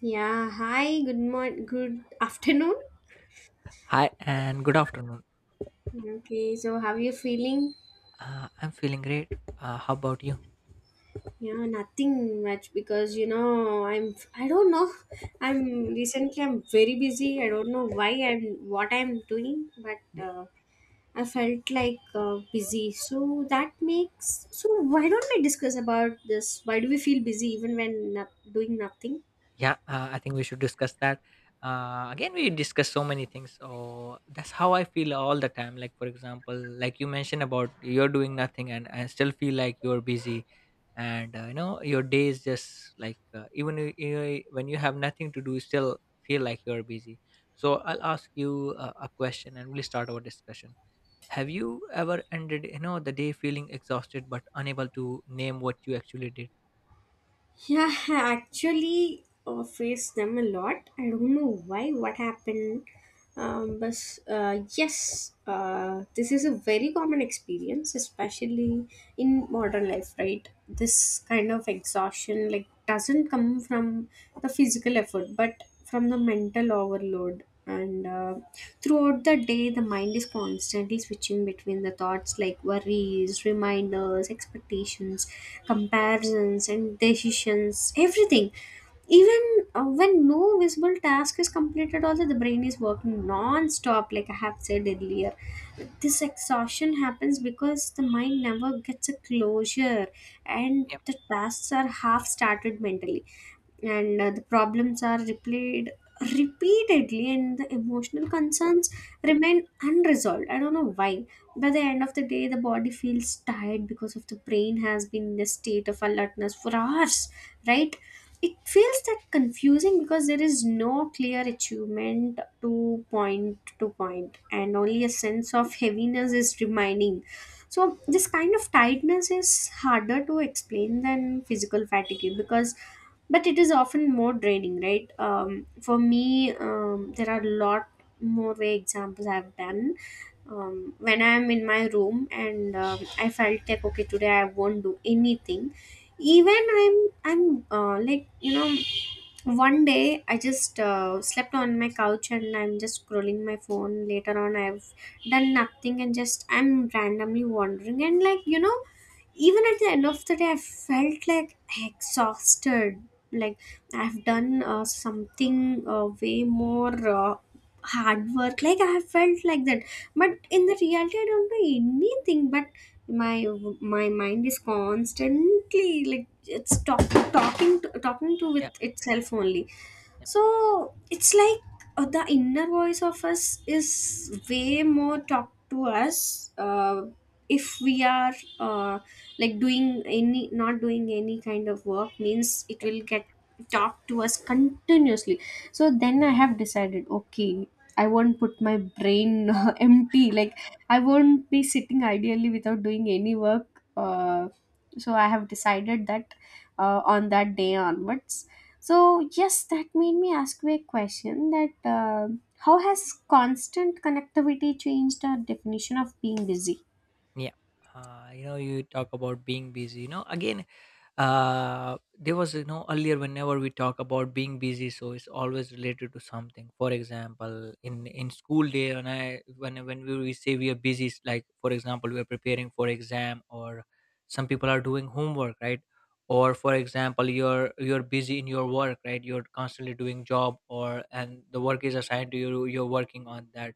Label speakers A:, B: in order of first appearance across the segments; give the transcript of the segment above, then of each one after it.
A: Yeah, hi, good morning, good afternoon.
B: Hi and good afternoon.
A: Okay, so how are you feeling?
B: I'm feeling great. How about you?
A: Yeah, nothing much because I don't know. I'm Recently I'm very busy. I don't know why and what I'm doing, but
B: Y-
A: I felt like busy. So that makes so why don't we discuss about this? Why do we feel busy even when doing nothing?
B: Yeah, I think we should discuss that. Again, we discuss so many things. So that's how I feel all the time. Like, for example, like you mentioned about you're doing nothing and I still feel like you're busy. And your day is just like, even when you have nothing to do, you still feel like you're busy. So I'll ask you a question and we'll start our discussion. Have you ever ended the day feeling exhausted but unable to name what you actually did?
A: Yeah, I actually faced them a lot. I don't know why, what happened. But yes, this is a very common experience, especially in modern life, right? This kind of exhaustion like doesn't come from the physical effort, but from the mental overload, and throughout the day, the mind is constantly switching between the thoughts like worries, reminders, expectations, comparisons and decisions, everything. Even when no visible task is completed, also the brain is working non-stop. Like I have said earlier, this exhaustion happens because the mind never gets a closure, and
B: Yeah,
A: the tasks are half started mentally, and the problems are replayed repeatedly, and the emotional concerns remain unresolved. I don't know why. By the end of the day, the body feels tired because of the brain has been in a state of alertness for hours, right? It feels that confusing because there is no clear achievement to point to point, and only a sense of heaviness is remaining. So this kind of tiredness is harder to explain than physical fatigue, because but it is often more draining, right? For me, there are a lot more way examples I've done. When I'm in my room and I felt like, okay, today I won't do anything. Even I'm like, one day I just slept on my couch, and I'm just scrolling my phone. Later on, I've done nothing, and just I'm randomly wandering, and like, even at the end of the day, I felt like exhausted. Like I've done something way more hard work, like I have felt like that. But
B: yeah,
A: in the reality, I don't do anything. But my my mind is constantly like it's talking to with
B: yeah,
A: itself only.
B: yeah,
A: So it's like the inner voice of us is way more talk to us if we are uh, like doing any, not doing any kind of work means, it
B: yep.
A: will get talk to us continuously. So then I have decided, okay, I won't put my brain empty. Like, I won't be sitting ideally without doing any work. uh, so I have decided that on that day onwards. So, yes, that made me ask you a question that how has constant connectivity changed our definition of being busy?
B: Yeah. You talk about being busy. Again, there was earlier whenever we talk about being busy, so it's always related to something. For example, in school day, when I when we say we are busy, it's like, for example, we are preparing for exam, or some people are doing homework, right? Or, for example, you're busy in your work, right? You're constantly doing job, or and the work is assigned to you, you're working on that,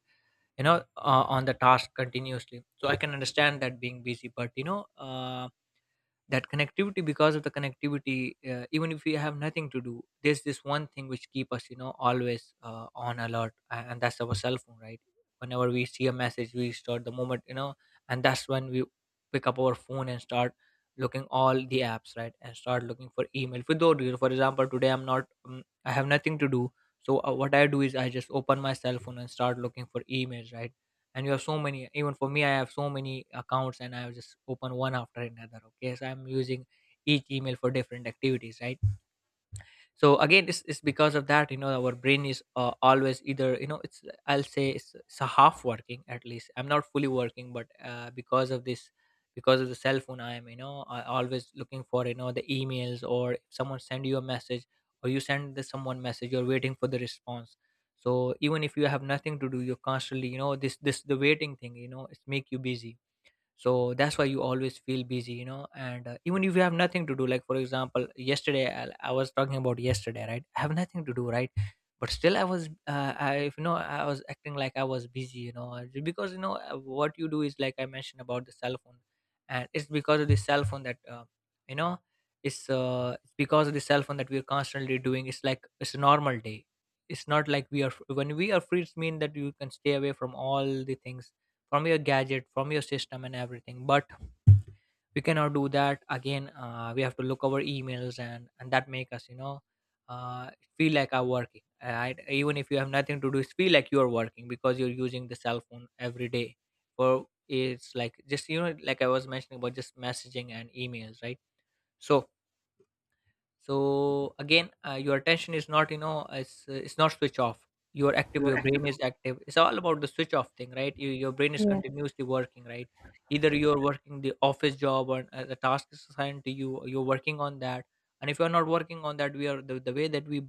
B: on the task continuously. So I can understand that being busy. But that connectivity, because of the connectivity, even if we have nothing to do, there's this one thing which keep us, always on alert, and that's our cell phone, right? Whenever we see a message, we start the moment, and that's when we pick up our phone and start looking all the apps, right? And start looking for email, for though you know, for example, today I'm not, I have nothing to do. So what I do is I just open my cell phone and start looking for emails, right? And you have so many. Even for me, I have so many accounts, and I have just open one after another. Okay, so I'm using each email for different activities, right? So again it's because of that, our brain is, always, either you know it's I'll say it's a half working, at least, I'm not fully working. But because of this, because of the cell phone, I always looking for, the emails, or if someone send you a message, or you send the someone message, you're waiting for the response. So even if you have nothing to do, you're constantly, this the waiting thing, it's make you busy. So that's why you always feel busy, and even if you have nothing to do, like, for example, yesterday, I was talking about yesterday, right? I have nothing to do, right? But still, I was I if you know I was acting like I was busy, because, what you do is like I mentioned about the cell phone. And it's because of the cell phone that you know it's because of the cell phone that we're constantly doing. It's like it's a normal day. It's not like, we are when we are free, it's mean that you can stay away from all the things, from your gadget, from your system and everything. But we cannot do that. Again, we have to look our emails, and that make us, uh, feel like are working, right? Even if you have nothing to do, it's feel like you're working because you're using the cell phone every day for, it's like, just, like I was mentioning, about just messaging and emails, right? So so again, your attention is not, it's not switch off. You are active, your brain is active. It's all about the switch off thing, right? Your brain is
A: Yeah,
B: continuously working, right? Either you're working the office job, or the task is assigned to you, you're working on that. And if you're not working on that, we are, the way that we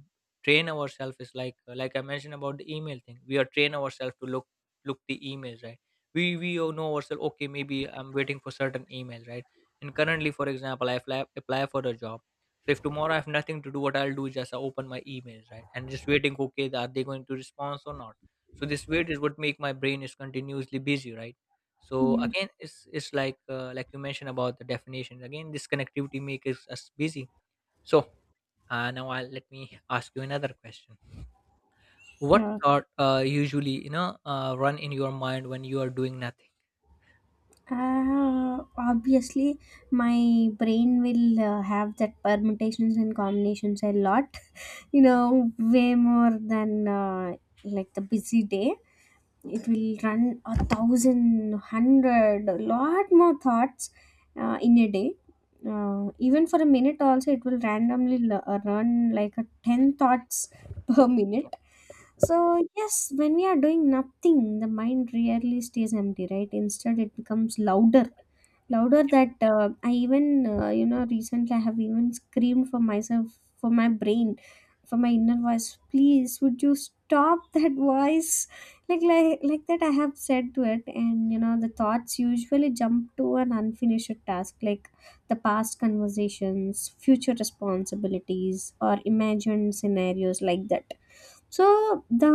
B: train ourselves is like, like I mentioned about the email thing, we are train ourselves to look, look the emails, right? We all know ourselves, okay, maybe I'm waiting for certain emails, right? And currently, for example, I apply for a job. So if tomorrow I have nothing to do, what I'll do is just I open my emails, right? And just waiting, okay, are they going to respond or not? So this wait is what make my brain is continuously busy, right? So
A: yeah,
B: again, it's like, like you mentioned about the definition. Again, this connectivity makes us busy. So now I'll let me ask you another question. What
A: sure.
B: thought usually, run in your mind when you are doing nothing?
A: Obviously, my brain will have that permutations and combinations a lot, way more than like the busy day. It will run a thousand hundred a lot more thoughts in a day. Even for a minute also, it will randomly run like a 10 thoughts per minute. So yes, when we are doing nothing, the mind rarely stays empty, right? Instead it becomes louder that I even recently I have even screamed for myself, for my brain, for my inner voice, please, would you stop that voice? Like that I have said to it. And the thoughts usually jump to an unfinished task like the past conversations, future responsibilities, or imagined scenarios, like that. So the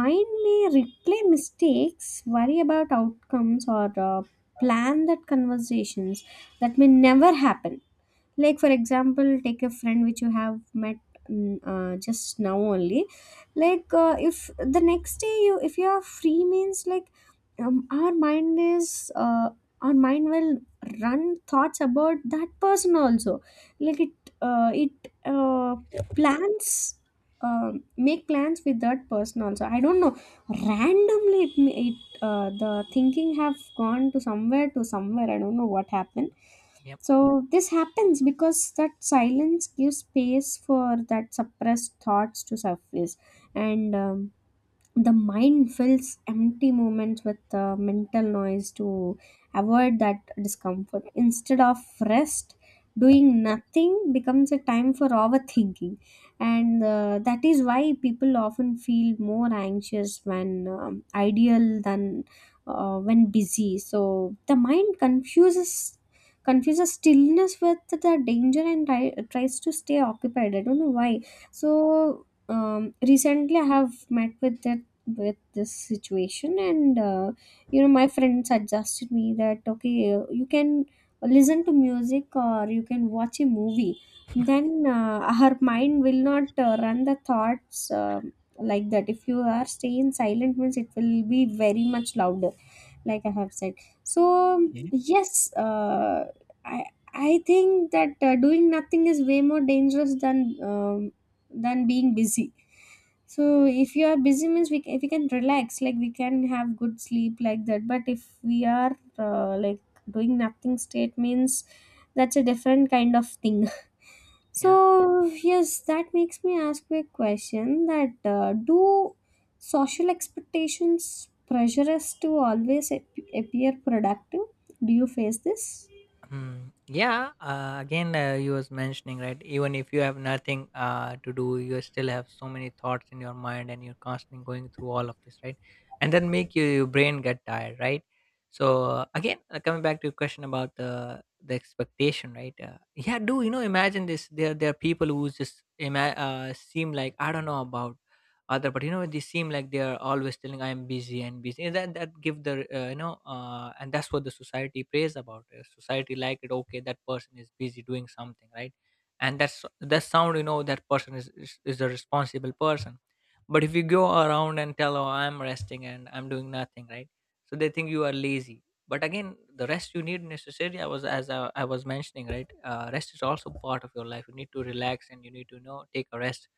A: mind may replay mistakes, worry about outcomes, or plan that conversations that may never happen. Like, for example, take a friend which you have met, just now only. Like if the next day, you if you are free means, like, um, our mind is uh, our mind will run thoughts about that person also. Like it plans um make plans with that person also. I don't know. Randomly it, ma- it the thinking have gone to somewhere, I don't know what happened.
B: Yep.
A: So this happens because that silence gives space for that suppressed thoughts to surface, and the mind fills empty moments with mental noise to avoid that discomfort instead of rest. Doing nothing becomes a time for overthinking, and that is why people often feel more anxious when ideal than when busy. So the mind confuses stillness with the danger and tries to stay occupied. I don't know why. So recently I have met with a with this situation, and my friend suggested me that, okay, you can listen to music or you can watch a movie. Then her mind will not run the thoughts, like that. If you are staying silent means, it will be very much louder, like I have said. So
B: Okay.
A: yes, i I think that doing nothing is way more dangerous than being busy. So if you are busy means, if we can relax, like we can have good sleep, like that. But if we are like doing nothing state means, that's a different kind of thing.
B: Yeah.
A: So yes, that makes me ask you a question: that do social expectations pressure us to always appear productive? Do you face this?
B: Hmm. Yeah, again, you was mentioning, right? Even if you have nothing to do, you still have so many thoughts in your mind and you're constantly going through all of this, right? And then make your brain get tired, right? So, again, coming back to your question about the expectation, right? Yeah, do you know, imagine this. There are people who just seem like, I don't know about other, but you know they seem like they are always telling I am busy and busy, and that give the, and that's what the society prays about. Society like it, okay, that person is busy doing something, right? And that's, that sound, you know, that person is a responsible person. But if you go around and tell, oh, I'm resting and I'm doing nothing, right, so they think you are lazy. But again, the rest you need, necessarily, I was as I was mentioning, right? Rest is also part of your life. You need to relax, and you need to, you know, take a rest,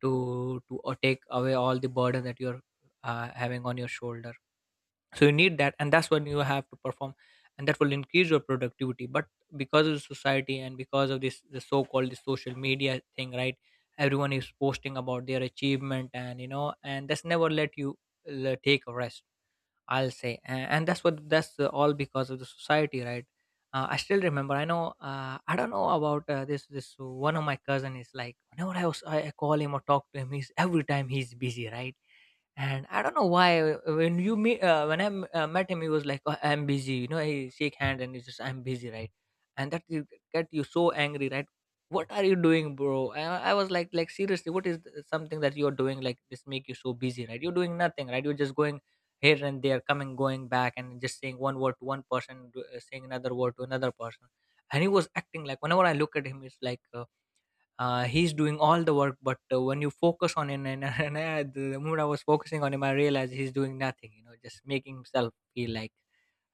B: to, or take away all the burden that you're having on your shoulder. So you need that, and that's when you have to perform, and that will increase your productivity. But because of the society, and because of this, the so-called the social media thing, right, everyone is posting about their achievement, and you know, and that's never let you take a rest, I'll say. And that's what, that's all because of the society, right? I still remember. I know. I don't know about this. This one of my cousin is like, whenever I was, I call him or talk to him, he's every time he's busy, right? And I don't know why, when you meet when I m- met him, he was like, oh, I'm busy, you know, he shake hand, and he just, I'm busy, right? And that, you get you so angry, right? What are you doing, bro? I was like, seriously, what is something that you're doing, like this, make you so busy, right? You're doing nothing, right? You're just going here and there, coming, going back, and just saying one word to one person, saying another word to another person. And he was acting like, whenever I look at him, it's like, he's doing all the work. But when you focus on him, and and, the moment I was focusing on him, I realized he's doing nothing, just making himself feel like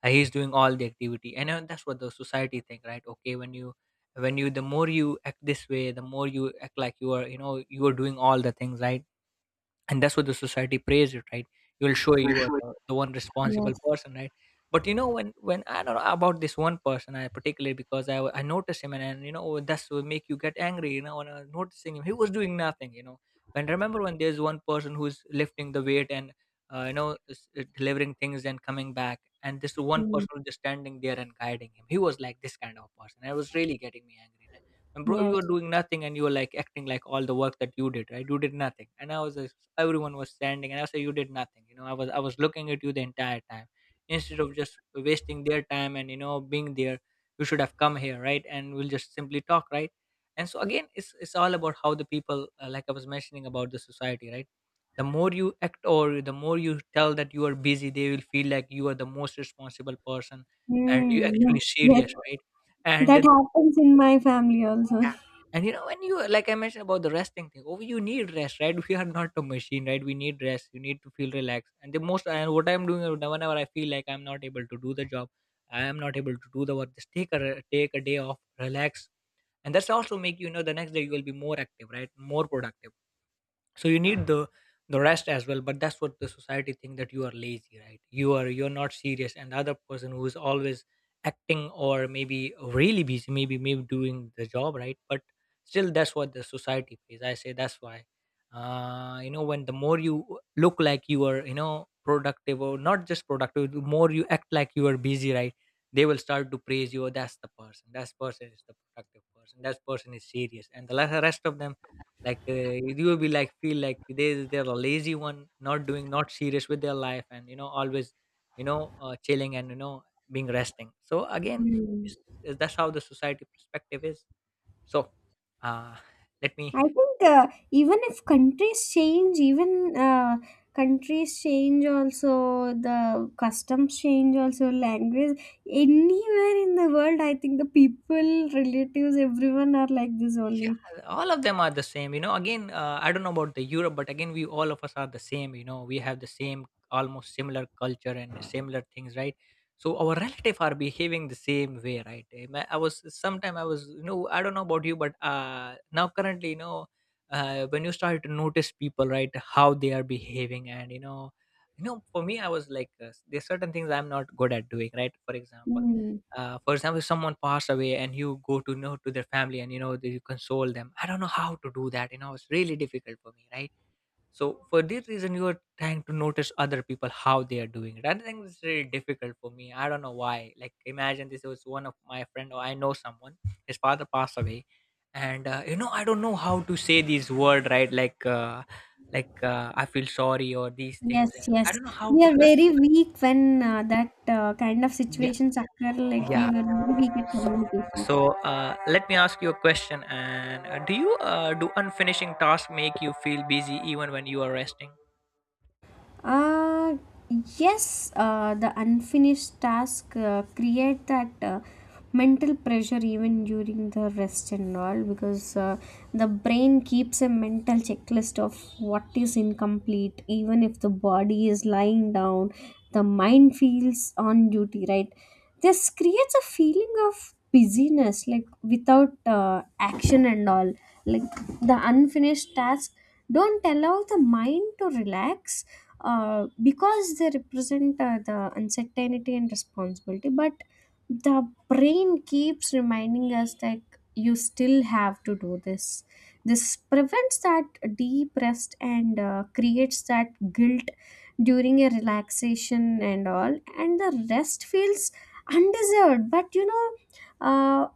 B: he's doing all the activity. And that's what the society think, right? Okay, when you the more you act this way, the more you act like you are, you are doing all the things, right? And that's what the society prays it, right? You will show you are the one responsible
A: Yes.
B: person, right? But when I don't know about this one person, I particularly, because I noticed him, and, and that's what make you get angry, when I was noticing him, he was doing nothing, you know when remember when there's one person who's lifting the weight, and delivering things and coming back, and this one
A: Mm.
B: person was just standing there and guiding him. He was like, this kind of person, I was really getting me angry. And, bro, you
A: Yes.
B: were doing nothing, and you were like acting like all the work that you did, right? You did nothing. And everyone was standing, and I said, you did nothing, I was looking at you the entire time. Instead of just wasting their time and, you know, being there, you should have come here, right? And we'll just simply talk, right? And so again, it's all about how the people, like I was mentioning about the society, right? The more you act or the more you tell that you are busy, they will feel like you are the most responsible person and you
A: Mm, yes.
B: actually
A: Yes.
B: serious, right?
A: That
B: And
A: happens in my family also.
B: yeah. And you know, when you, like I mentioned about the resting thing, oh, you need rest, right? We are not a machine, right? We need rest. You need to feel relaxed. And the most, and what I'm doing now, whenever I feel like I'm not able to do the job, I am not able to do the work. Just take a day off, relax, and that's also make, you know, the next day you will be more active, right? More productive. So you need the rest as well. But that's what the society think, that you are lazy, right? You are, you're not serious, and the other person who is always acting, or maybe really busy, maybe maybe doing the job, right? But still, that's what the society pays, I say. That's why, you know, when the more you look like you are, you know, productive or not just productive, the more you act like you are busy, right? They will start to praise you. Oh, that's the person, that person is the productive person, that person is serious. And rest of them, like, you will be like feel like they're a lazy one, not doing, not serious with their life, and you know, always, you know, chilling and you know, being resting. So again,
A: Mm.
B: it's, it's, that's how the society perspective is. So, uh, let
A: I
B: me.
A: think even if countries change, also the customs change, also language, anywhere in the world, I think the people, relatives, everyone are like this
B: Yeah,
A: only.
B: all of them are the same. You know, again, I don't know about the Europe, but again, we all of us are the same. You know, we have the same, almost similar culture and similar things, right? So our relative are behaving the same way, right? I was sometime I was, you know, I don't know about you, but now currently, you know, when you start to notice people, right, how they are behaving, and you know, for me, I was like, there's certain things I'm not good at doing, right? For example,
A: Mm.
B: for example, if someone passed away and you go to know to their family, and you know that you console them, I don't know how to do that. You know, it's really difficult for me, right? So for this reason, you are trying to notice other people, how they are doing it. I think it's really difficult for me, I don't know why. Like, imagine this was one of my friend, or I know someone, his father passed away, and you know, I don't know how to say these word, right? I feel sorry or these things,
A: Yes,
B: and I
A: yes.
B: don't know how
A: We
B: to.
A: are very weak when that kind of
B: Yeah.
A: situations occur. Like
B: Yeah.
A: we were very weak at communications.
B: So let me ask you a question. And do unfinishing tasks make you feel busy even when you are resting?
A: Uh, yes, the unfinished task create that mental pressure even during the rest and all, because the brain keeps a mental checklist of what is incomplete. Even if the body is lying down, the mind feels on duty, right? This creates a feeling of busyness, like without action and all. Like, the unfinished tasks don't allow the mind to relax, because they represent the uncertainty and responsibility. But the brain keeps reminding us that you still have to do this. This prevents that deep rest, and creates that guilt during a relaxation and all, and the rest feels undeserved. But, uh,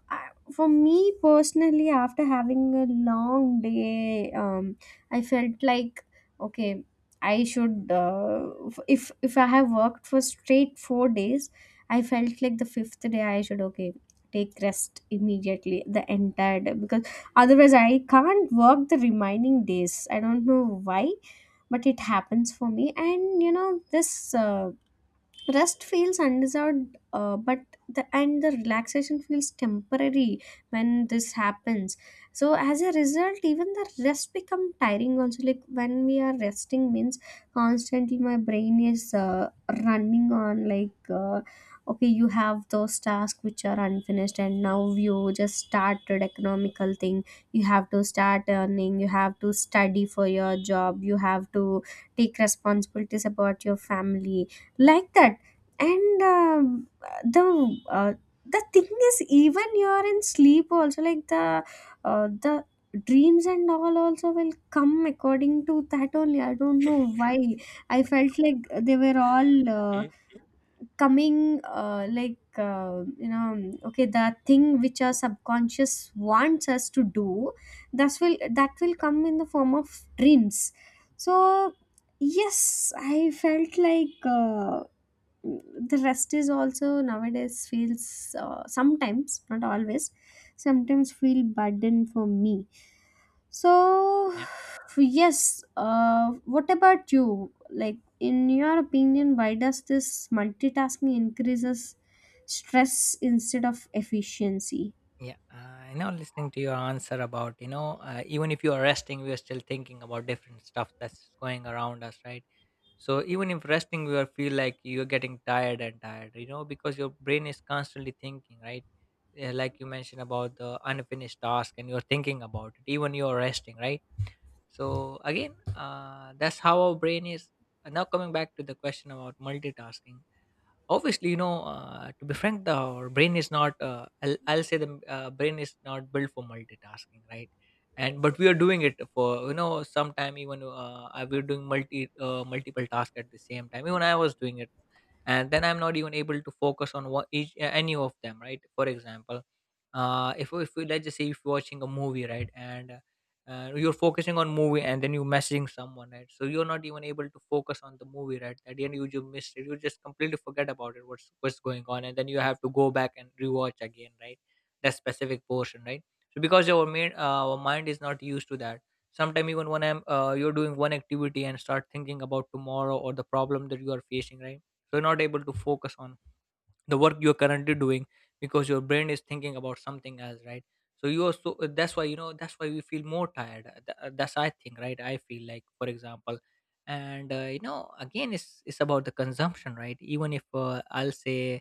A: for me personally, after having a long day, I felt like, okay, I should, if I have worked for straight 4 days, I felt like the fifth day I should, okay, take rest immediately the entire day, because otherwise I can't work the remaining days. I don't know why. But it happens for me. And this uh, rest feels undeserved, but the and the relaxation feels temporary when this happens. So as a result, even the rest become tiring also. Like, when we are resting means, constantly my brain is running on, like, okay, you have those tasks which are unfinished, and now you just started economical thing. You have to start earning, you have to study for your job, you have to take responsibilities about your family, like that. And the uh, the thing is, even you're in sleep also, like the dreams and all also will come according to that only. I don't know why. I felt like they were all
B: Okay.
A: coming like, okay, the thing which our subconscious wants us to do, that will come in the form of dreams. So yes, I felt like the rest is also nowadays feels sometimes, not always, sometimes feel burden for me. So
B: Yeah.
A: yes, what about you, like, in your opinion, why does this multitasking increases stress instead of efficiency?
B: Yeah, you know, listening to your answer about, you know, even if you are resting, we are still thinking about different stuff that's going around us, right? So even if resting, we are feel like you're getting tired and tired, you know, because your brain is constantly thinking, right? Yeah. Like you mentioned about the unfinished task, and you're thinking about it, even you're resting, right? So again, that's how our brain is. And now coming back to the question about multitasking, obviously, you know, to be frank, the our brain is not, I'll say the brain is not built for multitasking, right? And but we are doing it for, you know, sometime, even we we're doing multiple tasks at the same time. Even I was doing it, and then I'm not even able to focus on what each, any of them, right? For example, if we, let's just say, if you're watching a movie, right? And you're focusing on movie, and then you're messaging someone, right? So you're not even able to focus on the movie, right? At the end, you just missed it, you just completely forget about it, what's going on, and then you have to go back and rewatch again, right? That specific portion, right? So because our main our mind is not used to that. Sometimes even when I'm you're doing one activity and start thinking about tomorrow, or the problem that you are facing, right? So, you're not able to focus on the work you're currently doing, because your brain is thinking about something else, right? So you are, so that's why, you know, that's why we feel more tired. That's, I think, right? I feel like, for example, and you know, again, it's about the consumption, right? Even if, I'll say,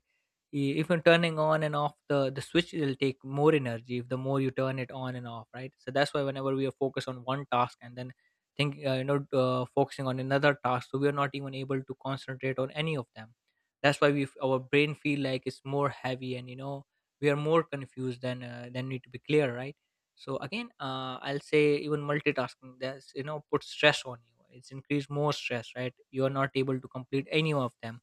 B: even turning on and off the switch, it'll take more energy if the more you turn it on and off, right? So that's why whenever we are focused on one task and then think, focusing on another task, so we are not even able to concentrate on any of them. That's why our brain feel like it's more heavy, and you know, we are more confused than, than need to be clear, right? So again, I'll say even multitasking, that's, you know, put stress on you, it's increased more stress, right? You are not able to complete any of them.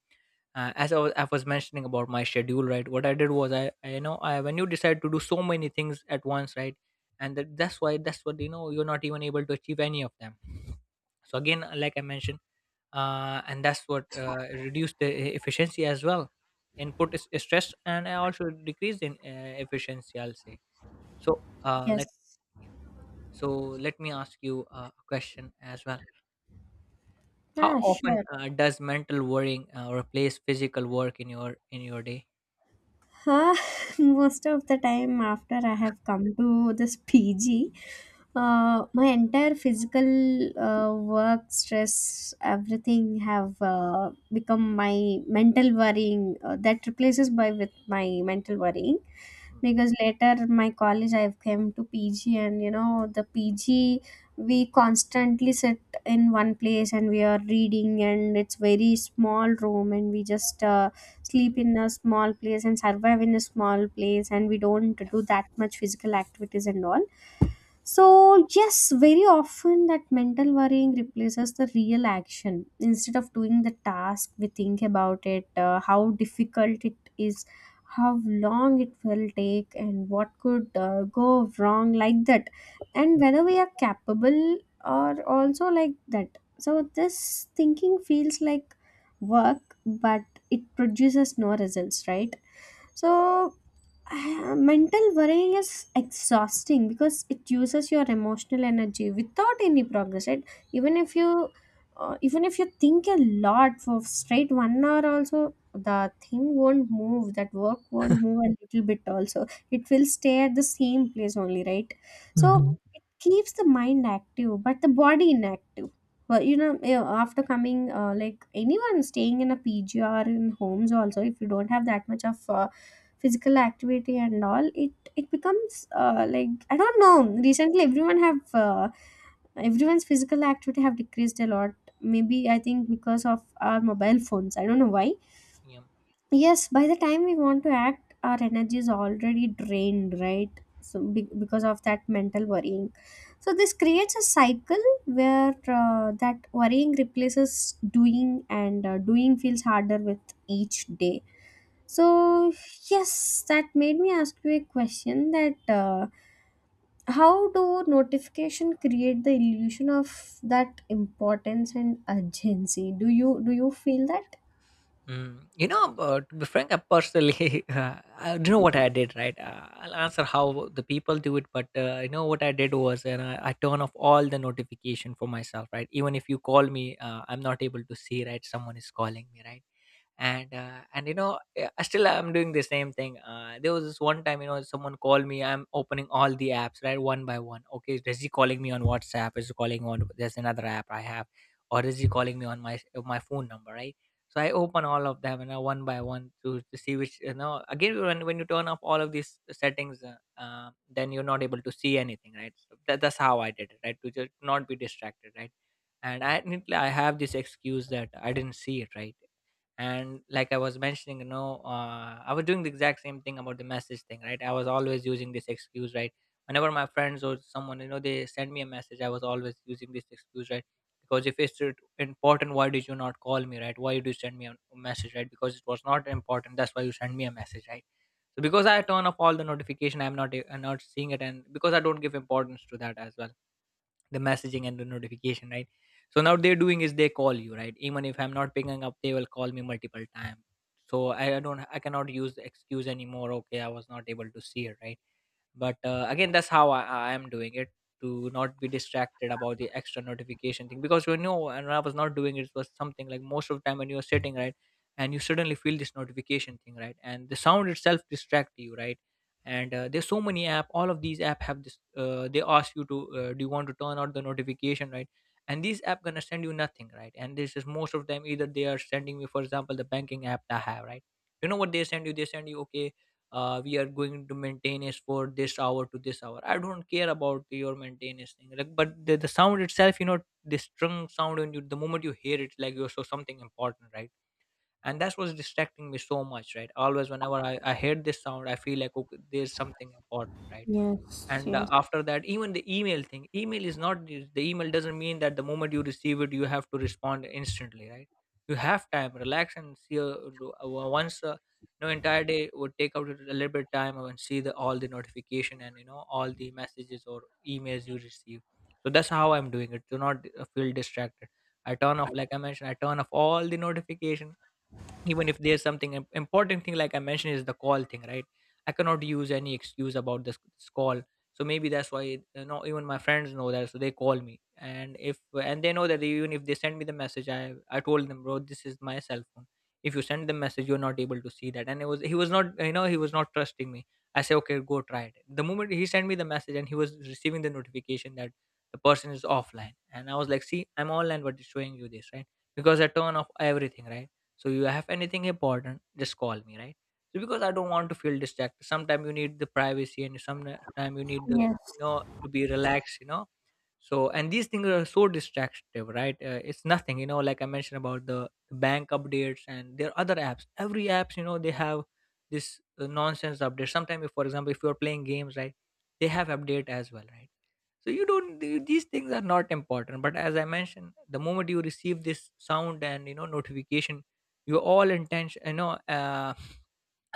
B: I was mentioning about my schedule, right? What I did was I, you know, I, when you decide to do so many things at once, right? And that's why that's what, you know, you're not even able to achieve any of them. So again, like I mentioned, and that's what, reduced efficiency as well. Input is stress, and I also decreased in, efficiency, I'll say. So
A: Yes,
B: let. Yeah. So let me ask you a question as well. How
A: ah,
B: often
A: sure.
B: does mental worrying replace physical work in your day?
A: Huh? Most of the time, after I have come to this PG,
B: Yeah.
A: my entire physical work, stress, everything have become my mental worrying. That replaces by with my mental worrying, because later my college I've came to PG, and the PG, we constantly sit in one place and we are reading, and it's very small room, and we just sleep in a small place and survive in a small place, and we don't do that much physical activities and all. So, yes, very often that mental worrying replaces the real action. Instead of doing the task, we think about it, how difficult it is, how long it will take, and what could go wrong, like that, and whether we are capable or also like that. So, this thinking feels like work, but it produces no results, right? So, mental worrying is exhausting because it uses your emotional energy without any progress. Right? Even if you, Even if you think a lot for straight 1 hour, also the thing won't move. That work won't move a little bit. Also, it will stay at the same place only. Right? So
B: Mhm.
A: it keeps the mind active but the body inactive. Well, yeah, after coming like, anyone staying in a PG or in homes also, if you don't have that much of physical activity and all, it becomes like, I don't know, recently everyone's physical activity have decreased a lot. Maybe
B: Yeah,
A: I think because of our mobile phones. I don't know why.
B: yeah.
A: Yes, by the time we want to act, our energy is already drained, right? So because of that mental worrying, so this creates a cycle where that worrying replaces doing, and doing feels harder with each day. So yes, that made me ask you a question: that how do notification create the illusion of that importance and urgency? Do you feel that?
B: Mm. You know, but to be frank, I personally, I do know what I did, right? I'll answer how the people do it, but you know what I did was, and I turn off all the notification for myself, right? Even if you call me, I'm not able to see, right? Someone is calling me, right? And I still I'm doing the same thing. There was this one time, you know, someone called me, I'm opening all the apps, right, one by one. Okay, is he calling me on WhatsApp? Is he calling on, there's another app I have, or is he calling me on my, my phone number, right? So I open all of them, and you, one by one, to see which. You know, again, when you turn off all of these settings, then you're not able to see anything, right? So that's how I did it, right? To just not be distracted, right? And I have this excuse that I didn't see it, right? And like I was mentioning, you know, I was doing the exact same thing about the message thing, right? I was always using this excuse, right? Whenever my friends or someone, you know, they send me a message, I was always using this excuse, right? Because if important, why did you not call me, right? Why did you send me a message, right? Because it was not important, that's why you sent me a message, right? So because I turn off all the notification, I'm not, I'm not seeing it, and because I don't give importance to that as well, the messaging and the notification, right? So now they're doing is they call you, right? Even if I'm not picking up, they will call me multiple times. So I don't, I cannot use the excuse anymore, okay, I was not able to see it, right? But again, that's how I am doing it, to not be distracted about the extra notification thing. Because, you know, and I was not doing it. It was something like, most of the time when you're sitting, right, and you suddenly feel this notification thing, right? And the sound itself distract you, right? And there's so many app, all of these app have this, they ask you to, do you want to turn out the notification, right? And these app gonna send you nothing. Right, and this is most of them. Either they are sending me, for example, the banking app that I have, right? You know what they send you? They send you, okay, we are going to maintain for this hour to this hour. I don't care about your maintenance thing, like but the sound itself, you know, this strung sound, and you, the moment you hear it, like you're so something important, right? And that was distracting me so much, right? Always whenever I heard this sound, I feel like, okay, there's something important, right?
A: Yes,
B: And
A: yes.
B: after that, even the email thing, email is not the email doesn't mean that the moment you receive it you have to respond instantly, right? You have time, relax and see do- once you know, entire day, would take out a little bit time and see the all the notification, and you know, all the messages or emails you receive. So that's how I'm doing it. Do not feel distracted. I turn off, like I mentioned, I turn off all the notification. Even if there's something important thing, like I mentioned, is the call thing, right? I cannot use any excuse about this call. So maybe that's why, you know, even my friends know that, so they call me. And if and they know that even if they send me the message, I told them, bro, this is my cell phone. If you send the message, you're not able to see that. And it was, he was not, you know, he was not trusting me. I say, okay, go try it. The moment he sent me the message, and he was receiving the notification that the person is offline. And I was like, see, I'm online, but it's showing you this, right? Because I turn off everything, right? So you have anything important, just call me, right? So because I don't want to feel distracted. Sometimes you need the privacy, and sometimes you need the, you
A: Yes.
B: know, to be relaxed, you know. So and these things are so distractive, right? It's nothing, you know, like I mentioned about bank updates. And there are other apps, every apps, you know, they have this nonsense update. Sometimes, if for example, if you're playing games, right, they have update as well, right? So you don't these things are not important. But as I mentioned, the moment you receive this sound and, you know, notification, your all intention, you know, uh,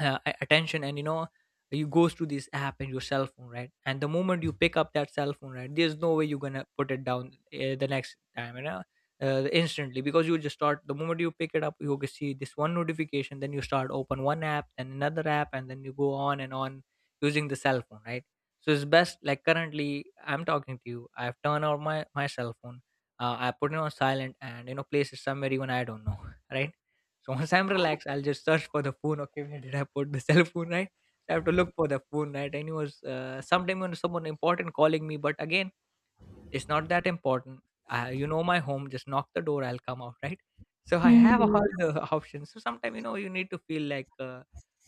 B: uh, a- attention, and you know, you goes to this app and your cell phone, right? And the moment you pick up that cell phone, right, there's no way you're gonna put it down the next time, you know, instantly. Because you just start, the moment you pick it up, you can see this one notification, then you start, open one app, then another app, and then you go on and on using the cell phone, right? So it's best, like currently I'm talking to you, I've turned on my cell phone, I put it on silent, and you know, place it somewhere, even I don't know right? So once I'm relaxed, I'll just search for the phone. Okay, where did I put the cell phone? Right, so I have to look for the phone. Right, and it was, sometime when someone important calling me, but again, it's not that important. You know, my home, just knock the door, I'll come out, right. So I
A: Hmm,
B: have all
A: yes.
B: the options. So sometimes you know, you need to feel like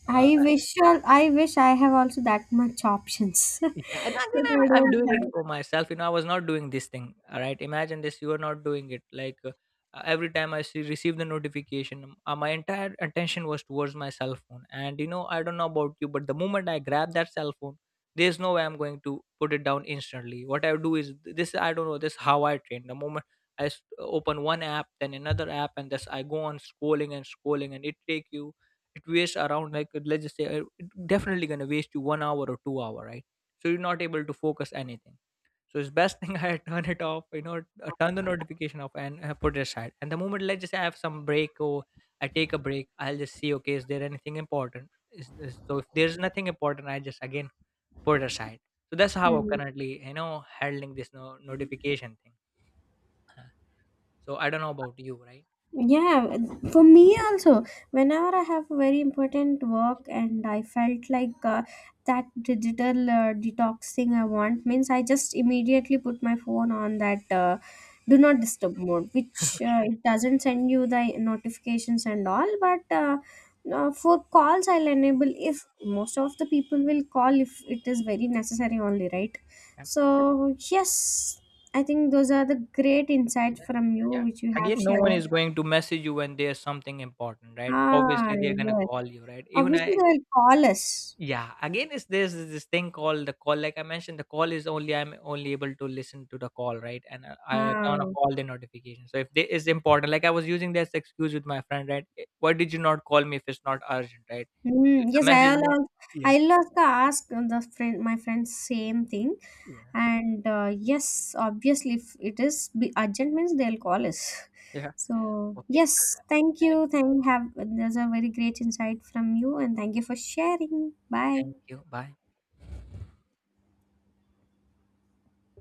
B: uh,
A: I wish I wish I have also that much options. But
B: yeah. And again, I'm
A: I
B: I'm
A: don't
B: doing it
A: have.
B: for myself. You know, I was not doing this thing. All right, imagine this. You are not doing it. Like every time I see receive the notification, my entire attention was towards my cell phone. And you know, I don't know about you, but the moment I grab that cell phone, there's no way I'm going to put it down instantly. What I do is this. I don't know. This is how I train. The moment I open one app, then another app, and this I go on scrolling and scrolling, and it take you. It wastes around, like let's just say it definitely gonna waste you 1 hour or 2 hour, right? So you're not able to focus anything. So it's best thing, I turn it off, you know. Turn the notification off, and put it aside. And the moment, let's just say, I have some break, or I take a break, I'll just see, okay, is there anything important, is this? So if there's nothing important, I just again put it aside. So that's how I'm
A: Hmm.
B: currently, you know, handling this notification thing. So I don't know about you, right?
A: Yeah, for me also, whenever I have a very important work and I felt like that digital detox thing I want means, I just immediately put my phone on that do not disturb mode, which it doesn't send you the notifications and all, but for calls I'll enable if most of the people will call if it is very necessary only, right?
B: Yeah.
A: So, yes, I think those are the great insights from you
B: Yeah.
A: which you have
B: Again, no
A: shared.
B: one is going to message you when there's something important, right?
A: Ah,
B: Obviously, they're gonna
A: yes.
B: call you, right? Even I,
A: Obviously, they will call us.
B: yeah, again, it's this thing called the call. Like I mentioned, the call is only, I'm only able to listen to the call, right? And I turn off
A: Ah.
B: all the notifications. So if they is important, like I was using this excuse with my friend, right? "Eh, why did you not call me if it's not urgent, right? The
A: Mm, yes,
B: message
A: I'll
B: me."
A: al-
B: Yeah,
A: I'll also ask the friend, my friend, same thing.
B: yeah,
A: And yes, obviously, if it is be urgent means, they'll call us.
B: yeah.
A: So
B: Okay,
A: yes, thank you. Thank have. There's a very great insight from you, and thank you for sharing. Bye.
B: thank you. Bye.